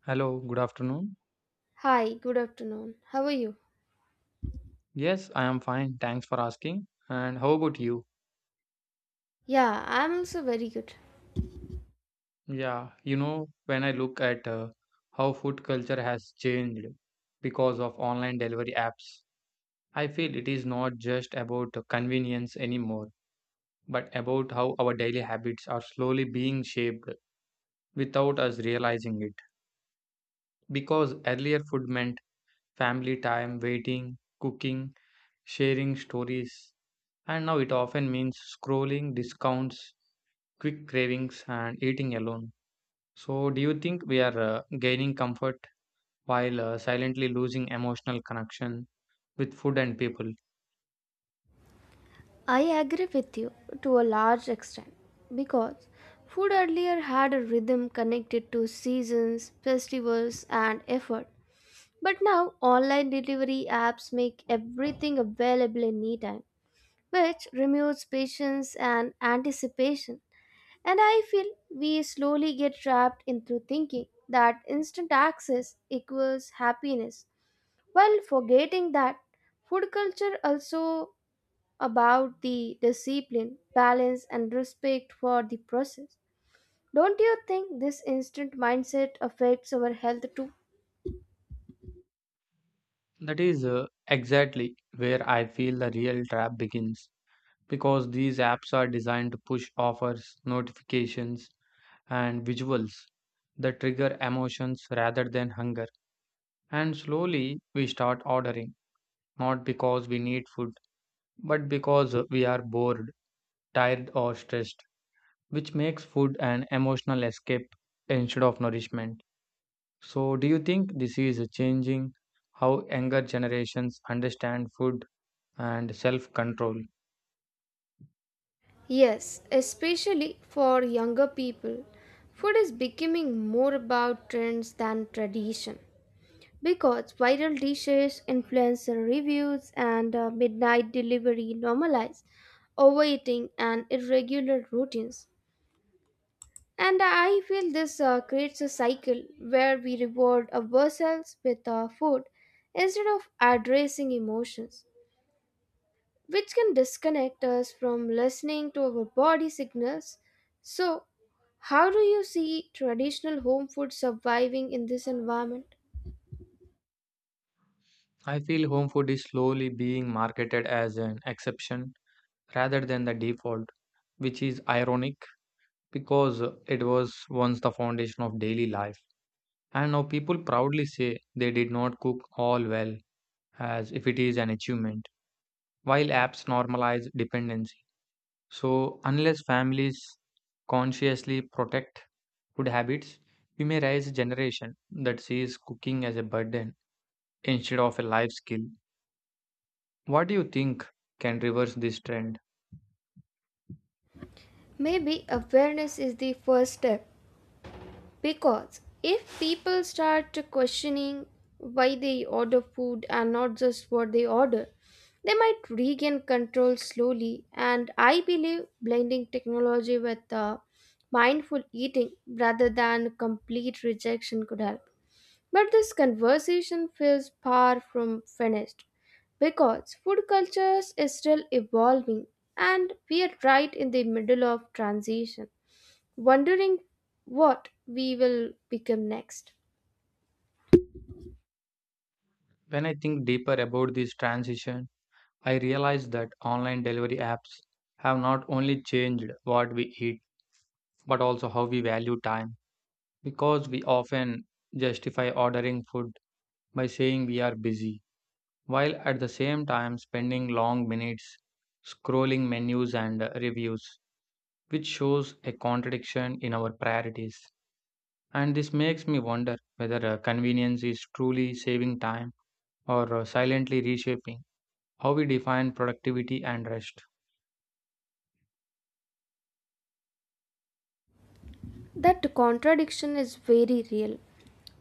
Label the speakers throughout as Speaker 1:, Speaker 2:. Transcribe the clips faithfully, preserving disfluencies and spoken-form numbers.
Speaker 1: Hello, good afternoon.
Speaker 2: Hi, good afternoon. How are you?
Speaker 1: Yes, I am fine. Thanks for asking. And how about you?
Speaker 2: Yeah, I'm also very good.
Speaker 1: Yeah, you know, when I look at uh, how food culture has changed because of online delivery apps, I feel it is not just about the convenience anymore, but about how our daily habits are slowly being shaped without us realizing it. Because earlier food meant family time, waiting, cooking, sharing stories, and now it often means scrolling, discounts quick cravings, and eating alone. So, do you think we are uh, gaining comfort while uh, silently losing emotional connection with food and people?
Speaker 2: I agree with you to a large extent because food earlier had a rhythm connected to seasons, festivals, and effort. But now online delivery apps make everything available in anytime, which removes patience and anticipation. And I feel we slowly get trapped into thinking that instant access equals happiness, while forgetting that, food culture also about the discipline, balance, and respect for the process. Don't you think this instant mindset affects our health too?
Speaker 1: That is uh, exactly where I feel the real trap begins because these apps are designed to push offers, notifications, and visuals that trigger emotions rather than hunger. And slowly we start ordering, not because we need food, but because uh, we are bored, tired, or stressed, which makes food an emotional escape instead of nourishment. So, do you think this is changing how younger generations understand food and self control?
Speaker 2: Yes, especially for younger people. Food is becoming more about trends than tradition because viral dishes, influencer reviews, and uh, midnight delivery normalize overeating and irregular routines. And I feel this uh, creates a cycle where we reward ourselves with our food instead of addressing emotions, which can disconnect us from listening to our body signals. So, how do you see traditional home food surviving in this environment?
Speaker 1: I feel home food is slowly being marketed as an exception rather than the default, which is ironic because it was once the foundation of daily life. And now people proudly say they did not cook all well as if it is an achievement, while apps normalize dependency. So, unless families consciously protect food habits, we may raise a generation that sees cooking as a burden instead of a life skill. What do you think can reverse this trend?
Speaker 2: Maybe awareness is the first step. Because if people start questioning why they order food and not just what they order, they might regain control slowly. And I believe blending technology with uh, mindful eating rather than complete rejection could help. But this conversation feels far from finished because food cultures is still evolving and we are right in the middle of transition wondering what we will become next.
Speaker 1: When I think deeper about this transition, I realize that online delivery apps have not only changed what we eat, but also how we value time. Because we often justify ordering food by saying we are busy while at the same time spending long minutes scrolling menus and uh, reviews, which shows a contradiction in our priorities. And this makes me wonder whether uh, convenience is truly saving time or uh, silently reshaping how we define productivity and rest.
Speaker 2: That contradiction is very real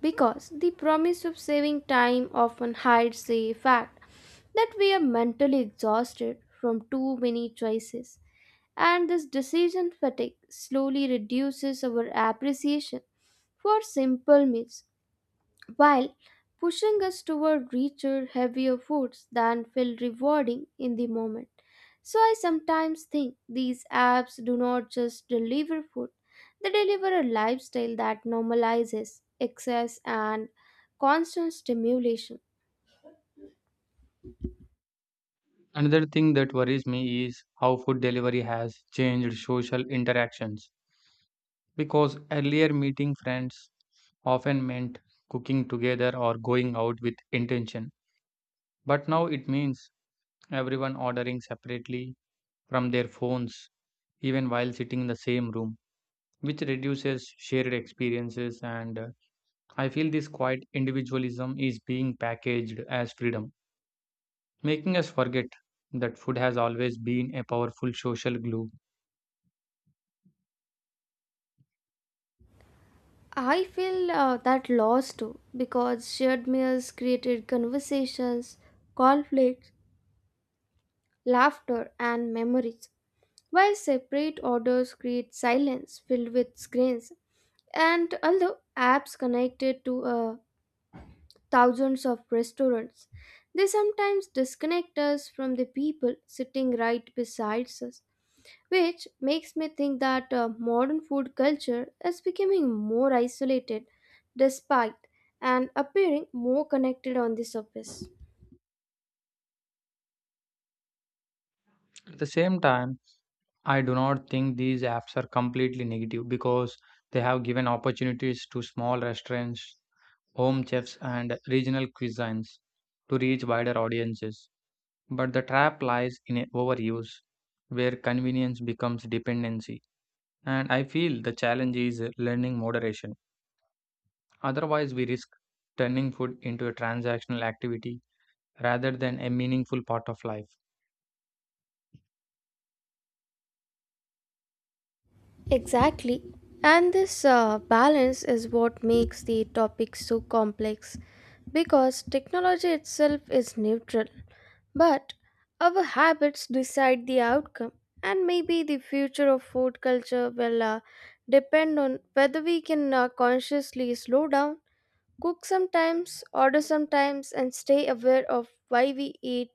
Speaker 2: because the promise of saving time often hides the fact that we are mentally exhausted from too many choices, and this decision fatigue slowly reduces our appreciation for simple meals while pushing us toward richer, heavier foods than feel rewarding in the moment. So I sometimes think these apps do not just deliver food, they deliver a lifestyle that normalizes excess and constant stimulation.
Speaker 1: Another thing that worries me is how food delivery has changed social interactions because earlier meeting friends often meant cooking together or going out with intention. But now it means everyone ordering separately from their phones, even while sitting in the same room, which reduces shared experiences. And uh, I feel this quiet individualism is being packaged as freedom, making us forget that food has always been a powerful social glue.
Speaker 2: I feel uh, that loss too because shared meals created conversations, conflicts, laughter, and memories while separate orders create silence filled with screens. And although apps connected to uh, thousands of restaurants, they sometimes disconnect us from the people sitting right beside us, which makes me think that uh, modern food culture is becoming more isolated despite and appearing more connected on the surface.
Speaker 1: At the same time, I do not think these apps are completely negative because they have given opportunities to small restaurants, home chefs, and regional cuisines to reach wider audiences. But the trap lies in a overuse, where convenience becomes dependency. And I feel the challenge is learning moderation. Otherwise, we risk turning food into a transactional activity rather than a meaningful part of life.
Speaker 2: Exactly. And this uh, balance is what makes the topic so complex because technology itself is neutral, but our habits decide the outcome. And maybe the future of food culture will uh, depend on whether we can uh, consciously slow down. Cook sometimes, order sometimes, and stay aware of why we eat,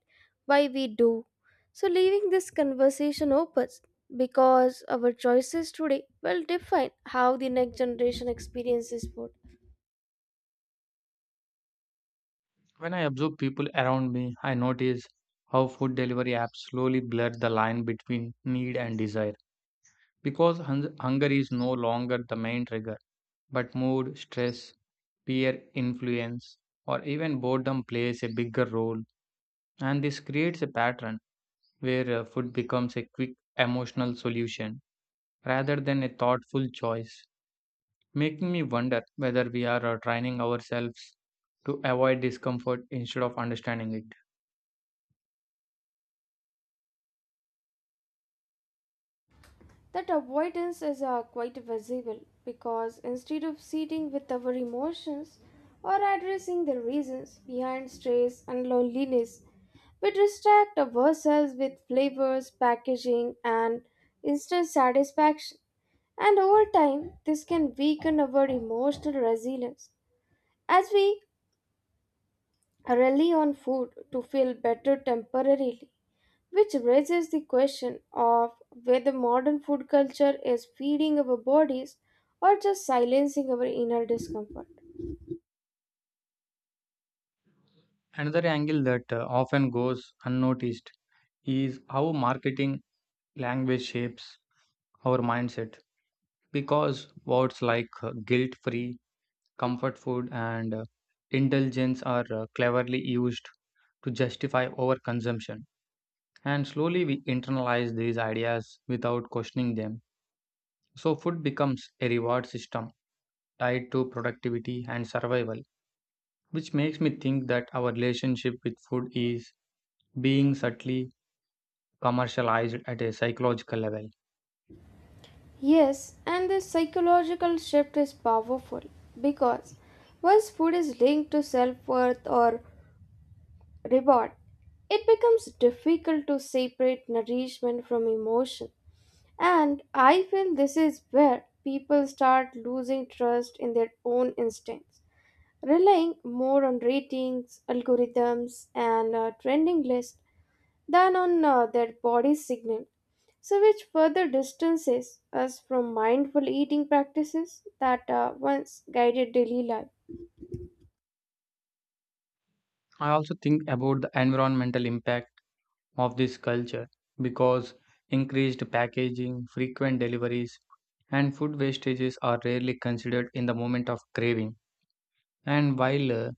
Speaker 2: why we do. So, leaving this conversation open because our choices today will define how the next generation experiences food.
Speaker 1: When I observe people around me, I notice how food delivery apps slowly blur the line between need and desire because hun- hunger is no longer the main trigger, but mood, stress, peer influence, or even boredom plays a bigger role. And this creates a pattern where uh, food becomes a quick emotional solution rather than a thoughtful choice, making me wonder whether we are uh, training ourselves to avoid discomfort instead of understanding it.
Speaker 2: That avoidance is uh, quite visible because instead of sitting with our emotions or addressing the reasons behind stress and loneliness, we distract ourselves with flavors, packaging, and instant satisfaction. And over time, this can weaken our emotional resilience as we rely on food to feel better temporarily, which raises the question of whether modern food culture is feeding our bodies or just silencing our inner discomfort.
Speaker 1: Another angle that uh, often goes unnoticed is how marketing language shapes our mindset because words like uh, guilt free, comfort food, and uh, indulgence are uh, cleverly used to justify overconsumption. And slowly we internalize these ideas without questioning them. So, food becomes a reward system tied to productivity and survival, which makes me think that our relationship with food is being subtly commercialized at a psychological level.
Speaker 2: Yes, and this psychological shift is powerful because once food is linked to self worth or reward, it becomes difficult to separate nourishment from emotion. And I feel this is where people start losing trust in their own instincts, relying more on ratings, algorithms, and uh, trending lists than on uh, their body signal. So, which further distances us from mindful eating practices that uh, once guided daily life.
Speaker 1: I also think about the environmental impact of this culture because increased packaging, frequent deliveries, and food wastages are rarely considered in the moment of craving. And while uh,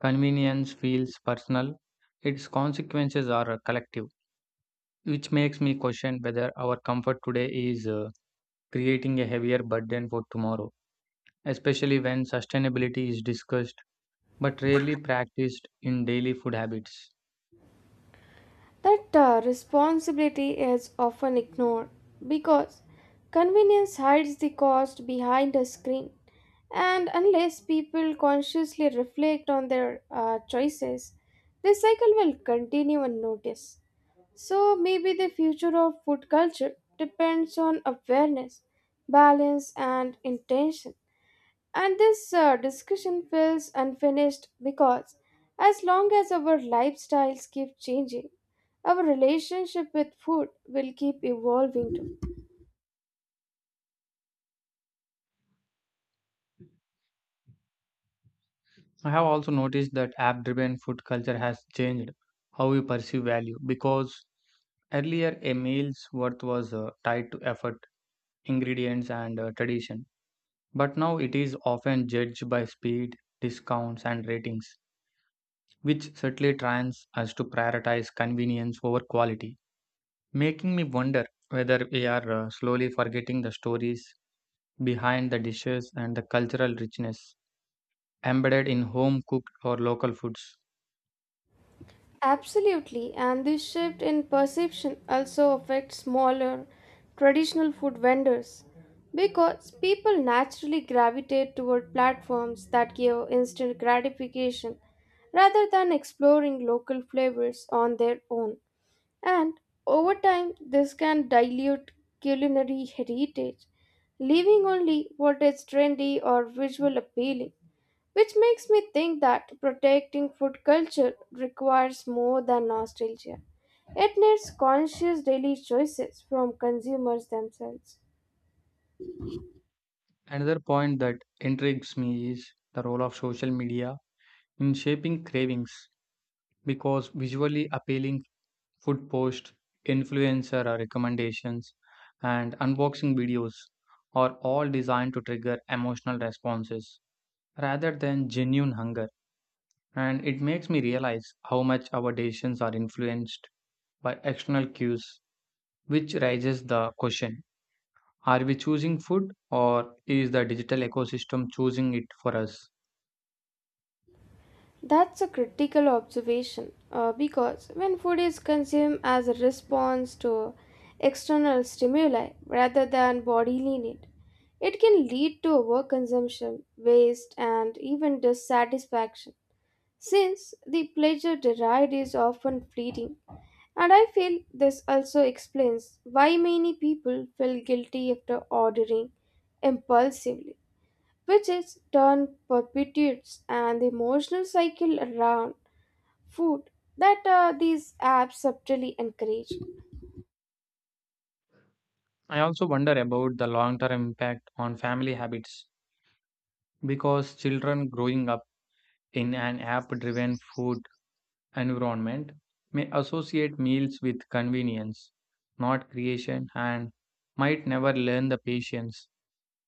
Speaker 1: convenience feels personal, its consequences are collective, which makes me question whether our comfort today is uh, creating a heavier burden for tomorrow, especially when sustainability is discussed but rarely practiced in daily food habits.
Speaker 2: That uh, responsibility is often ignored because convenience hides the cost behind a screen, and unless people consciously reflect on their uh, choices, this cycle will continue unnoticed. So maybe the future of food culture depends on awareness, balance, and intention. And this uh, discussion feels unfinished because as long as our lifestyles keep changing, our relationship with food will keep evolving too.
Speaker 1: I have also noticed that app driven food culture has changed how we perceive value because earlier a meal's worth was uh, tied to effort, ingredients, and uh, tradition. But now it is often judged by speed, discounts, and ratings, which certainly trains us to prioritize convenience over quality, making me wonder whether we are uh, slowly forgetting the stories behind the dishes and the cultural richness embedded in home cooked or local foods.
Speaker 2: Absolutely, and this shift in perception also affects smaller traditional food vendors because people naturally gravitate toward platforms that give instant gratification rather than exploring local flavors on their own. And over time, this can dilute culinary heritage, leaving only what is trendy or visual appealing. Which makes me think that protecting food culture requires more than nostalgia. It needs conscious daily choices from consumers themselves.
Speaker 1: Another point that intrigues me is the role of social media in shaping cravings because visually appealing food posts, influencer recommendations, and unboxing videos are all designed to trigger emotional responses rather than genuine hunger. And it makes me realize how much our decisions are influenced by external cues, which raises the question, are we choosing food or is the digital ecosystem choosing it for us?
Speaker 2: That's a critical observation uh, because when food is consumed as a response to external stimuli rather than bodily need, it can lead to overconsumption, waste, and even dissatisfaction since the pleasure derived is often fleeting. And I feel this also explains why many people feel guilty after ordering impulsively, which is turn perpetuates an emotional cycle around food that uh, these apps subtly encourage.
Speaker 1: I also wonder about the long term impact on family habits because children growing up in an app driven food environment may associate meals with convenience, not creation, and might never learn the patience,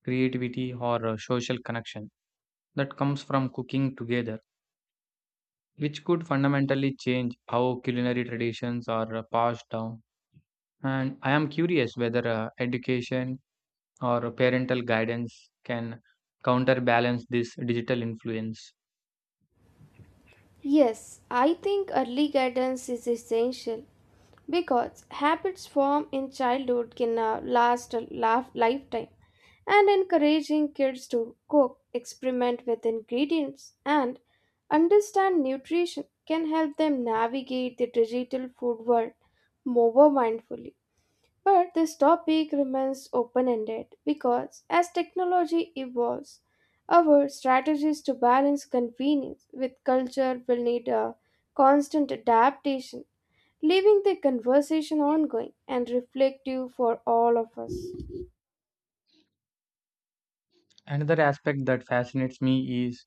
Speaker 1: creativity, or uh, social connection that comes from cooking together, which could fundamentally change how culinary traditions are uh, passed down. And I am curious whether uh, education or parental guidance can counterbalance this digital influence.
Speaker 2: Yes, I think early guidance is essential because habits formed in childhood can uh, last a laf- lifetime, and encouraging kids to cook experiment with ingredients and understand nutrition can help them navigate the digital food world more mindfully. But this topic remains open ended because as technology evolves our strategies to balance convenience with culture will need a constant adaptation, leaving the conversation ongoing and reflective for all of us.
Speaker 1: Another aspect that fascinates me is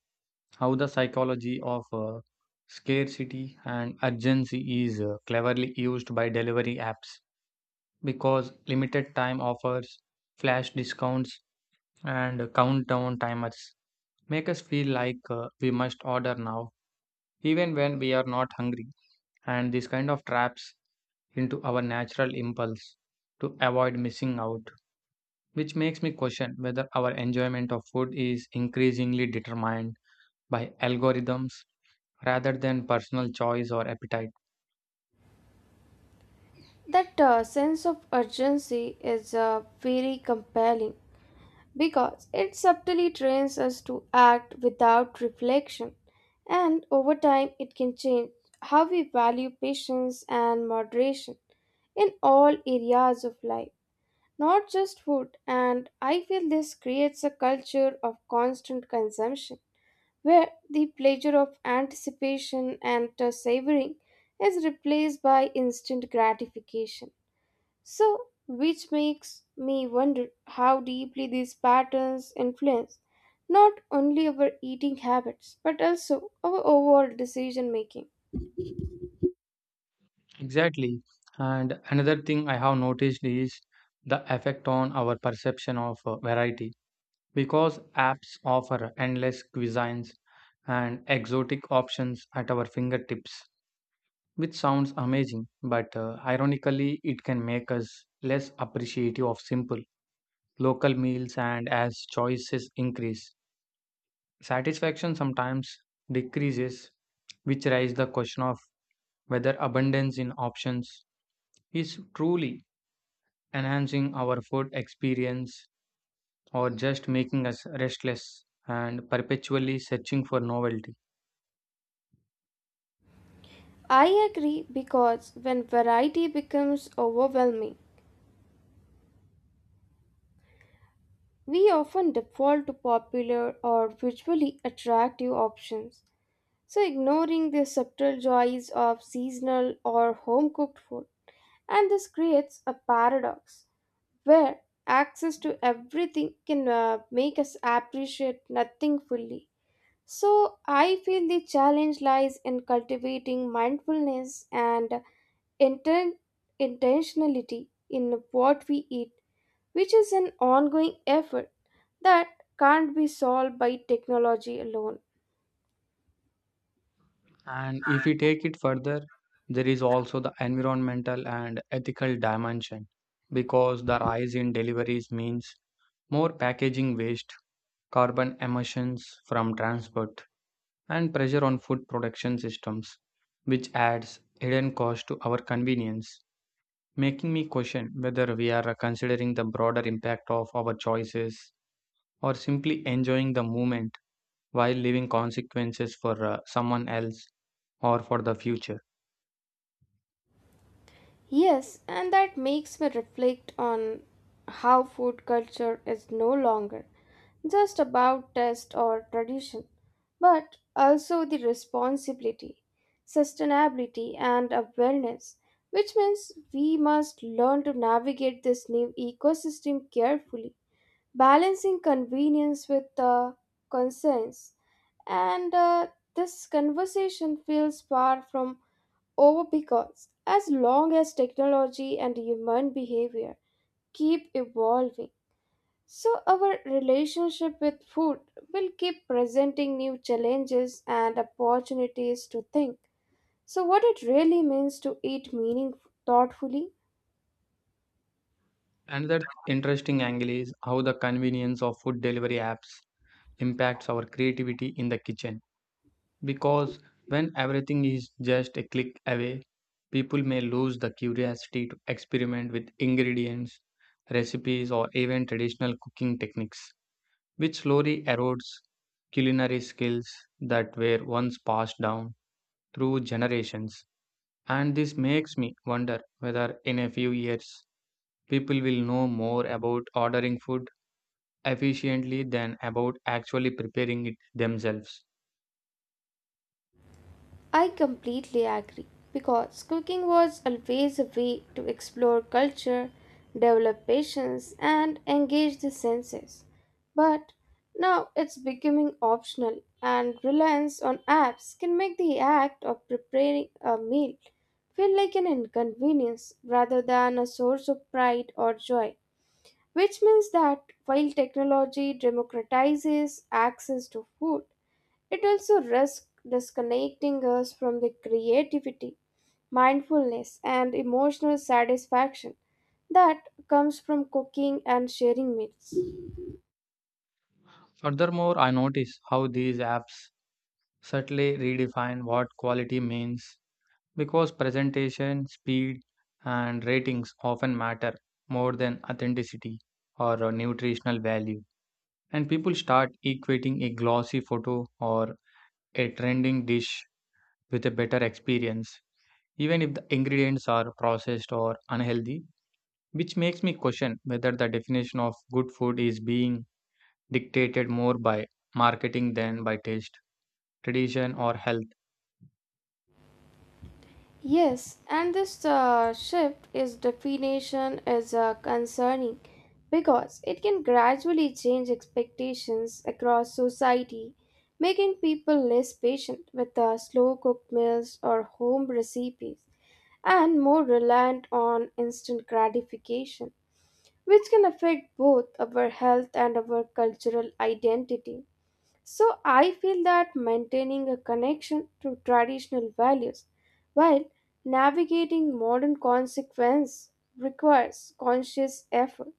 Speaker 1: how the psychology of uh, scarcity and urgency is uh, cleverly used by delivery apps because limited time offers, flash discounts, and countdown timers make us feel like uh, we must order now, even when we are not hungry. And this kind of traps into our natural impulse to avoid missing out, which makes me question whether our enjoyment of food is increasingly determined by algorithms rather than personal choice or appetite.
Speaker 2: That uh, sense of urgency is uh, very compelling because it subtly trains us to act without reflection, and over time, it can change how we value patience and moderation in all areas of life. Not just food, and I feel this creates a culture of constant consumption where the pleasure of anticipation and uh, savoring is replaced by instant gratification. So, which makes me wonder how deeply these patterns influence not only our eating habits but also our overall decision making.
Speaker 1: Exactly. And another thing I have noticed is the effect on our perception of uh, variety. Because apps offer endless cuisines and exotic options at our fingertips, which sounds amazing, but uh, ironically, it can make us less appreciative of simple local meals. And as choices increase, satisfaction sometimes decreases, which raises the question of whether abundance in options is truly enhancing our food experience or just making us restless and perpetually searching for novelty.
Speaker 2: I agree because when variety becomes overwhelming, we often default to popular or visually attractive options, so, ignoring the subtle joys of seasonal or home cooked food. And this creates a paradox where access to everything can uh, make us appreciate nothing fully. So, I feel the challenge lies in cultivating mindfulness and inten- intentionality in what we eat, which is an ongoing effort that can't be solved by technology alone.
Speaker 1: And if we take it further, there is also the environmental and ethical dimension because the rise in deliveries means more packaging waste, carbon emissions from transport, and pressure on food production systems, which adds hidden cost to our convenience, making me question whether we are considering the broader impact of our choices or simply enjoying the moment while leaving consequences for uh, someone else or for the future.
Speaker 2: Yes, and that makes me reflect on how food culture is no longer just about taste or tradition, but also the responsibility, sustainability, and awareness, which means we must learn to navigate this new ecosystem carefully, balancing convenience with uh, conscience. And uh, this conversation feels far from over because as long as technology and human behavior keep evolving, so our relationship with food will keep presenting new challenges and opportunities to think. So, what it really means to eat meaning thoughtfully.
Speaker 1: Another interesting angle is how the convenience of food delivery apps impacts our creativity in the kitchen. Because when everything is just a click away, people may lose the curiosity to experiment with ingredients, recipes, or even traditional cooking techniques, which slowly erodes culinary skills that were once passed down through generations. And this makes me wonder whether in a few years people will know more about ordering food efficiently than about actually preparing it themselves.
Speaker 2: I completely agree because cooking was always a way to explore culture, develop patience, and engage the senses. But now it's becoming optional, and reliance on apps can make the act of preparing a meal feel like an inconvenience rather than a source of pride or joy. Which means that while technology democratizes access to food, it also risks disconnecting us from the creativity, mindfulness, and emotional satisfaction that comes from cooking and sharing meals.
Speaker 1: Furthermore, I notice how these apps subtly redefine what quality means because presentation, speed, and ratings often matter more than authenticity or uh, nutritional value. And people start equating a glossy photo or a trending dish with a better experience, even if the ingredients are processed or unhealthy, which makes me question whether the definition of good food is being dictated more by marketing than by taste, tradition, or health.
Speaker 2: Yes, and this uh, shift is definition is uh, concerning because it can gradually change expectations across society, making people less patient with uh, slow cooked meals or home recipes and more reliant on instant gratification, which can affect both our health and our cultural identity. So, I feel that maintaining a connection to traditional values while navigating modern consequences requires conscious effort.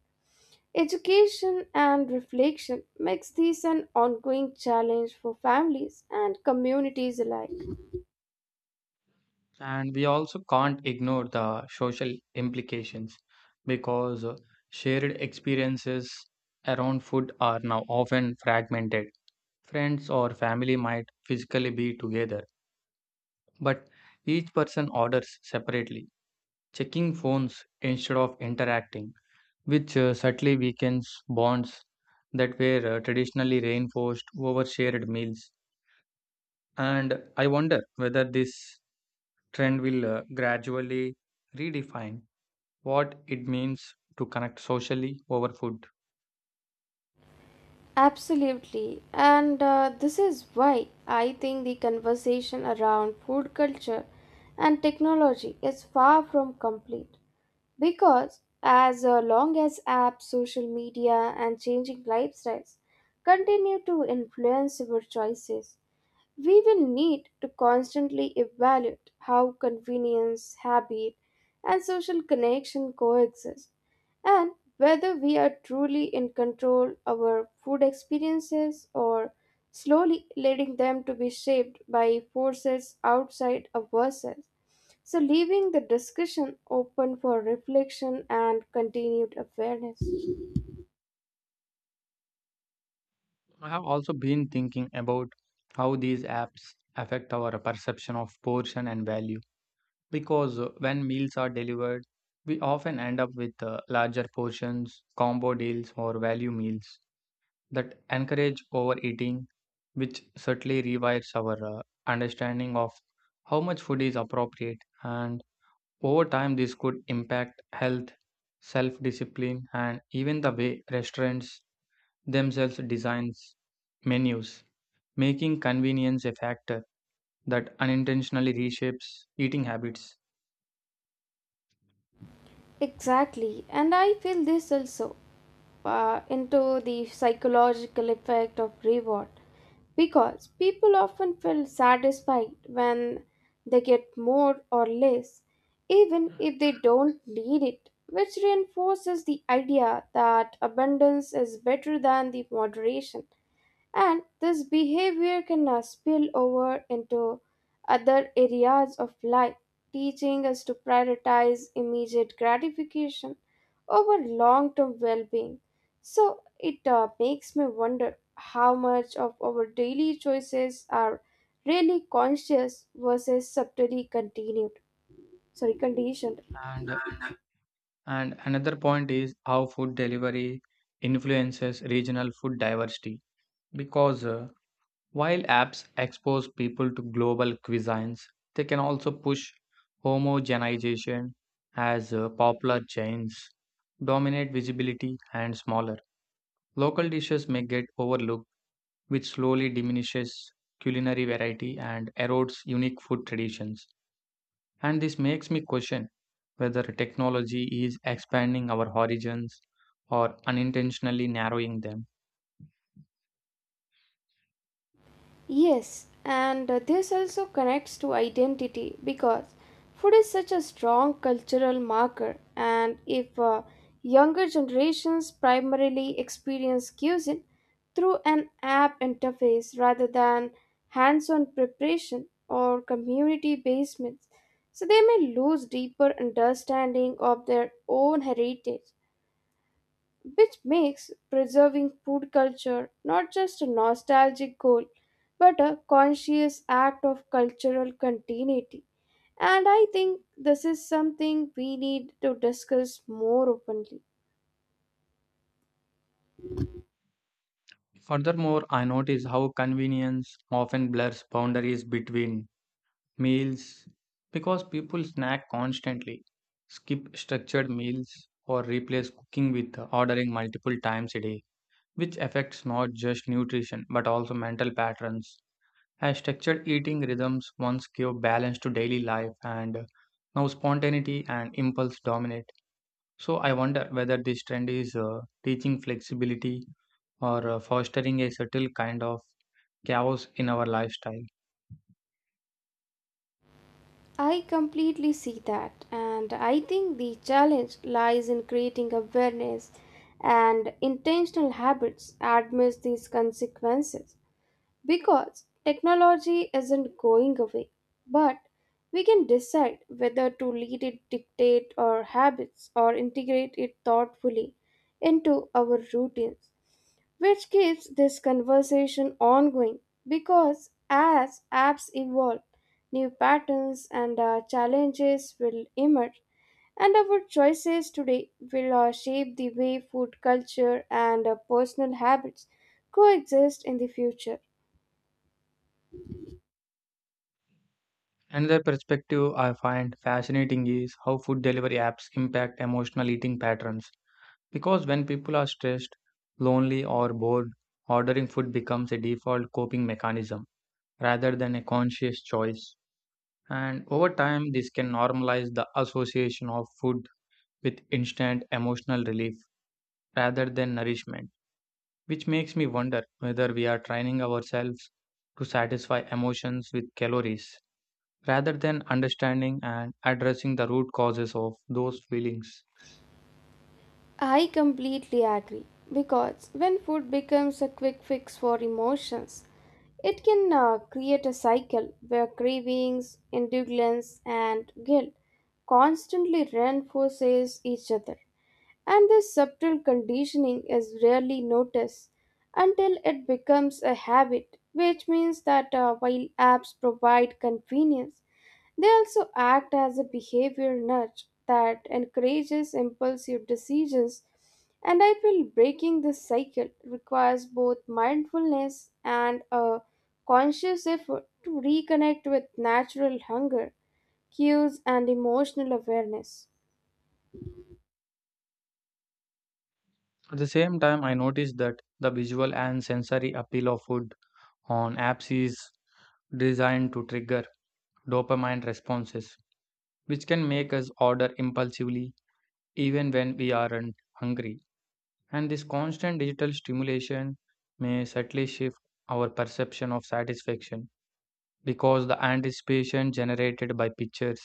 Speaker 2: Education and reflection makes this an ongoing challenge for families and communities alike.
Speaker 1: And we also can't ignore the social implications because uh, shared experiences around food are now often fragmented. Friends or family might physically be together, but each person orders separately, checking phones instead of interacting, which uh, subtly weakens bonds that were uh, traditionally reinforced over shared meals. And I wonder whether this trend will uh, gradually redefine what it means to connect socially over food.
Speaker 2: Absolutely. And uh, this is why I think the conversation around food culture and technology is far from complete. Because as uh, long as apps, social media, and changing lifestyles continue to influence our choices, we will need to constantly evaluate how convenience, habit, and social connection coexist, and whether we are truly in control of our food experiences or slowly letting them to be shaped by forces outside of ourselves. So, leaving the discussion open for reflection and continued awareness.
Speaker 1: I have also been thinking about how these apps affect our perception of portion and value because uh, when meals are delivered, we often end up with uh, larger portions, combo deals, or value meals that encourage overeating, which certainly rewires our uh, understanding of how much food is appropriate. And over time, this could impact health, self discipline, and even the way restaurants themselves designs menus, making convenience a factor that unintentionally reshapes eating habits.
Speaker 2: Exactly, and I feel this also uh, into the psychological effect of reward because people often feel satisfied when they get more or less, even if they don't need it, which reinforces the idea that abundance is better than the moderation. And this behavior can now spill over into other areas of life, teaching us to prioritize immediate gratification over long term well being. So it uh, makes me wonder how much of our daily choices are really conscious versus subtly continued. Sorry, conditioned.
Speaker 1: And And another point is how food delivery influences regional food diversity. Because uh, while apps expose people to global cuisines, they can also push homogenization as uh, popular chains dominate visibility and smaller. Local dishes may get overlooked, which slowly diminishes culinary variety and erodes unique food traditions. And this makes me question whether technology is expanding our horizons or unintentionally narrowing them.
Speaker 2: Yes, and this also connects to identity because food is such a strong cultural marker, and if uh, younger generations primarily experience cuisine through an app interface rather than hands on preparation or community basements, so they may lose deeper understanding of their own heritage, which makes preserving food culture not just a nostalgic goal but a conscious act of cultural continuity. And I think this is something we need to discuss more openly.
Speaker 1: Furthermore, I notice how convenience often blurs boundaries between meals because people snack constantly, skip structured meals, or replace cooking with ordering multiple times a day, which affects not just nutrition but also mental patterns. As structured eating rhythms once gave balance to daily life, and uh, now spontaneity and impulse dominate. So, I wonder whether this trend is uh, teaching flexibility or uh, fostering a subtle kind of chaos in our lifestyle.
Speaker 2: I completely see that, and I think the challenge lies in creating awareness and intentional habits amidst these consequences. Because technology isn't going away, but we can decide whether to let it dictate our habits or integrate it thoughtfully into our routines, which keeps this conversation ongoing. Because as apps evolve, new patterns and uh, challenges will emerge, and our choices today will uh, shape the way food culture and uh, personal habits coexist in the future.
Speaker 1: Another perspective I find fascinating is how food delivery apps impact emotional eating patterns. Because when people are stressed, lonely, or bored, ordering food becomes a default coping mechanism rather than a conscious choice. And over time, this can normalize the association of food with instant emotional relief rather than nourishment, which makes me wonder whether we are training ourselves to satisfy emotions with calories rather than understanding and addressing the root causes of those feelings.
Speaker 2: I completely agree because when food becomes a quick fix for emotions, it can uh, create a cycle where cravings, indulgence, and guilt constantly reinforces each other. And this subtle conditioning is rarely noticed until it becomes a habit, which means that uh, while apps provide convenience, they also act as a behavior nudge that encourages impulsive decisions, and I feel breaking this cycle requires both mindfulness and a conscious effort to reconnect with natural hunger, cues, and emotional awareness.
Speaker 1: At the same time, I noticed that the visual and sensory appeal of food on apps is designed to trigger dopamine responses, which can make us order impulsively even when we aren't hungry. And this constant digital stimulation may subtly shift our perception of satisfaction because the anticipation generated by pictures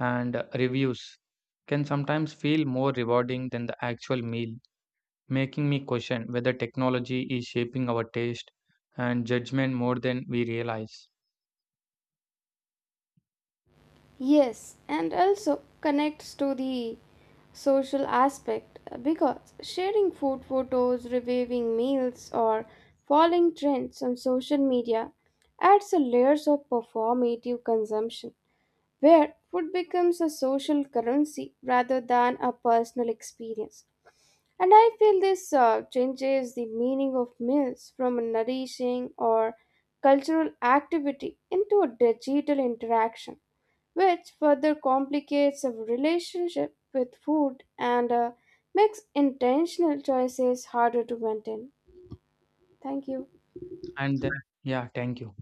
Speaker 1: and reviews can sometimes feel more rewarding than the actual meal, making me question whether technology is shaping our taste and judgment more than we realize.
Speaker 2: Yes, and also connects to the social aspect uh, because sharing food photos, reviving meals, or following trends on social media adds a layers of performative consumption where food becomes a social currency rather than a personal experience. And I feel this uh, changes the meaning of meals from a nourishing or cultural activity into a digital interaction which further complicates our relationship with food and uh, makes intentional choices harder to maintain. Thank you.
Speaker 1: And then, yeah, thank you.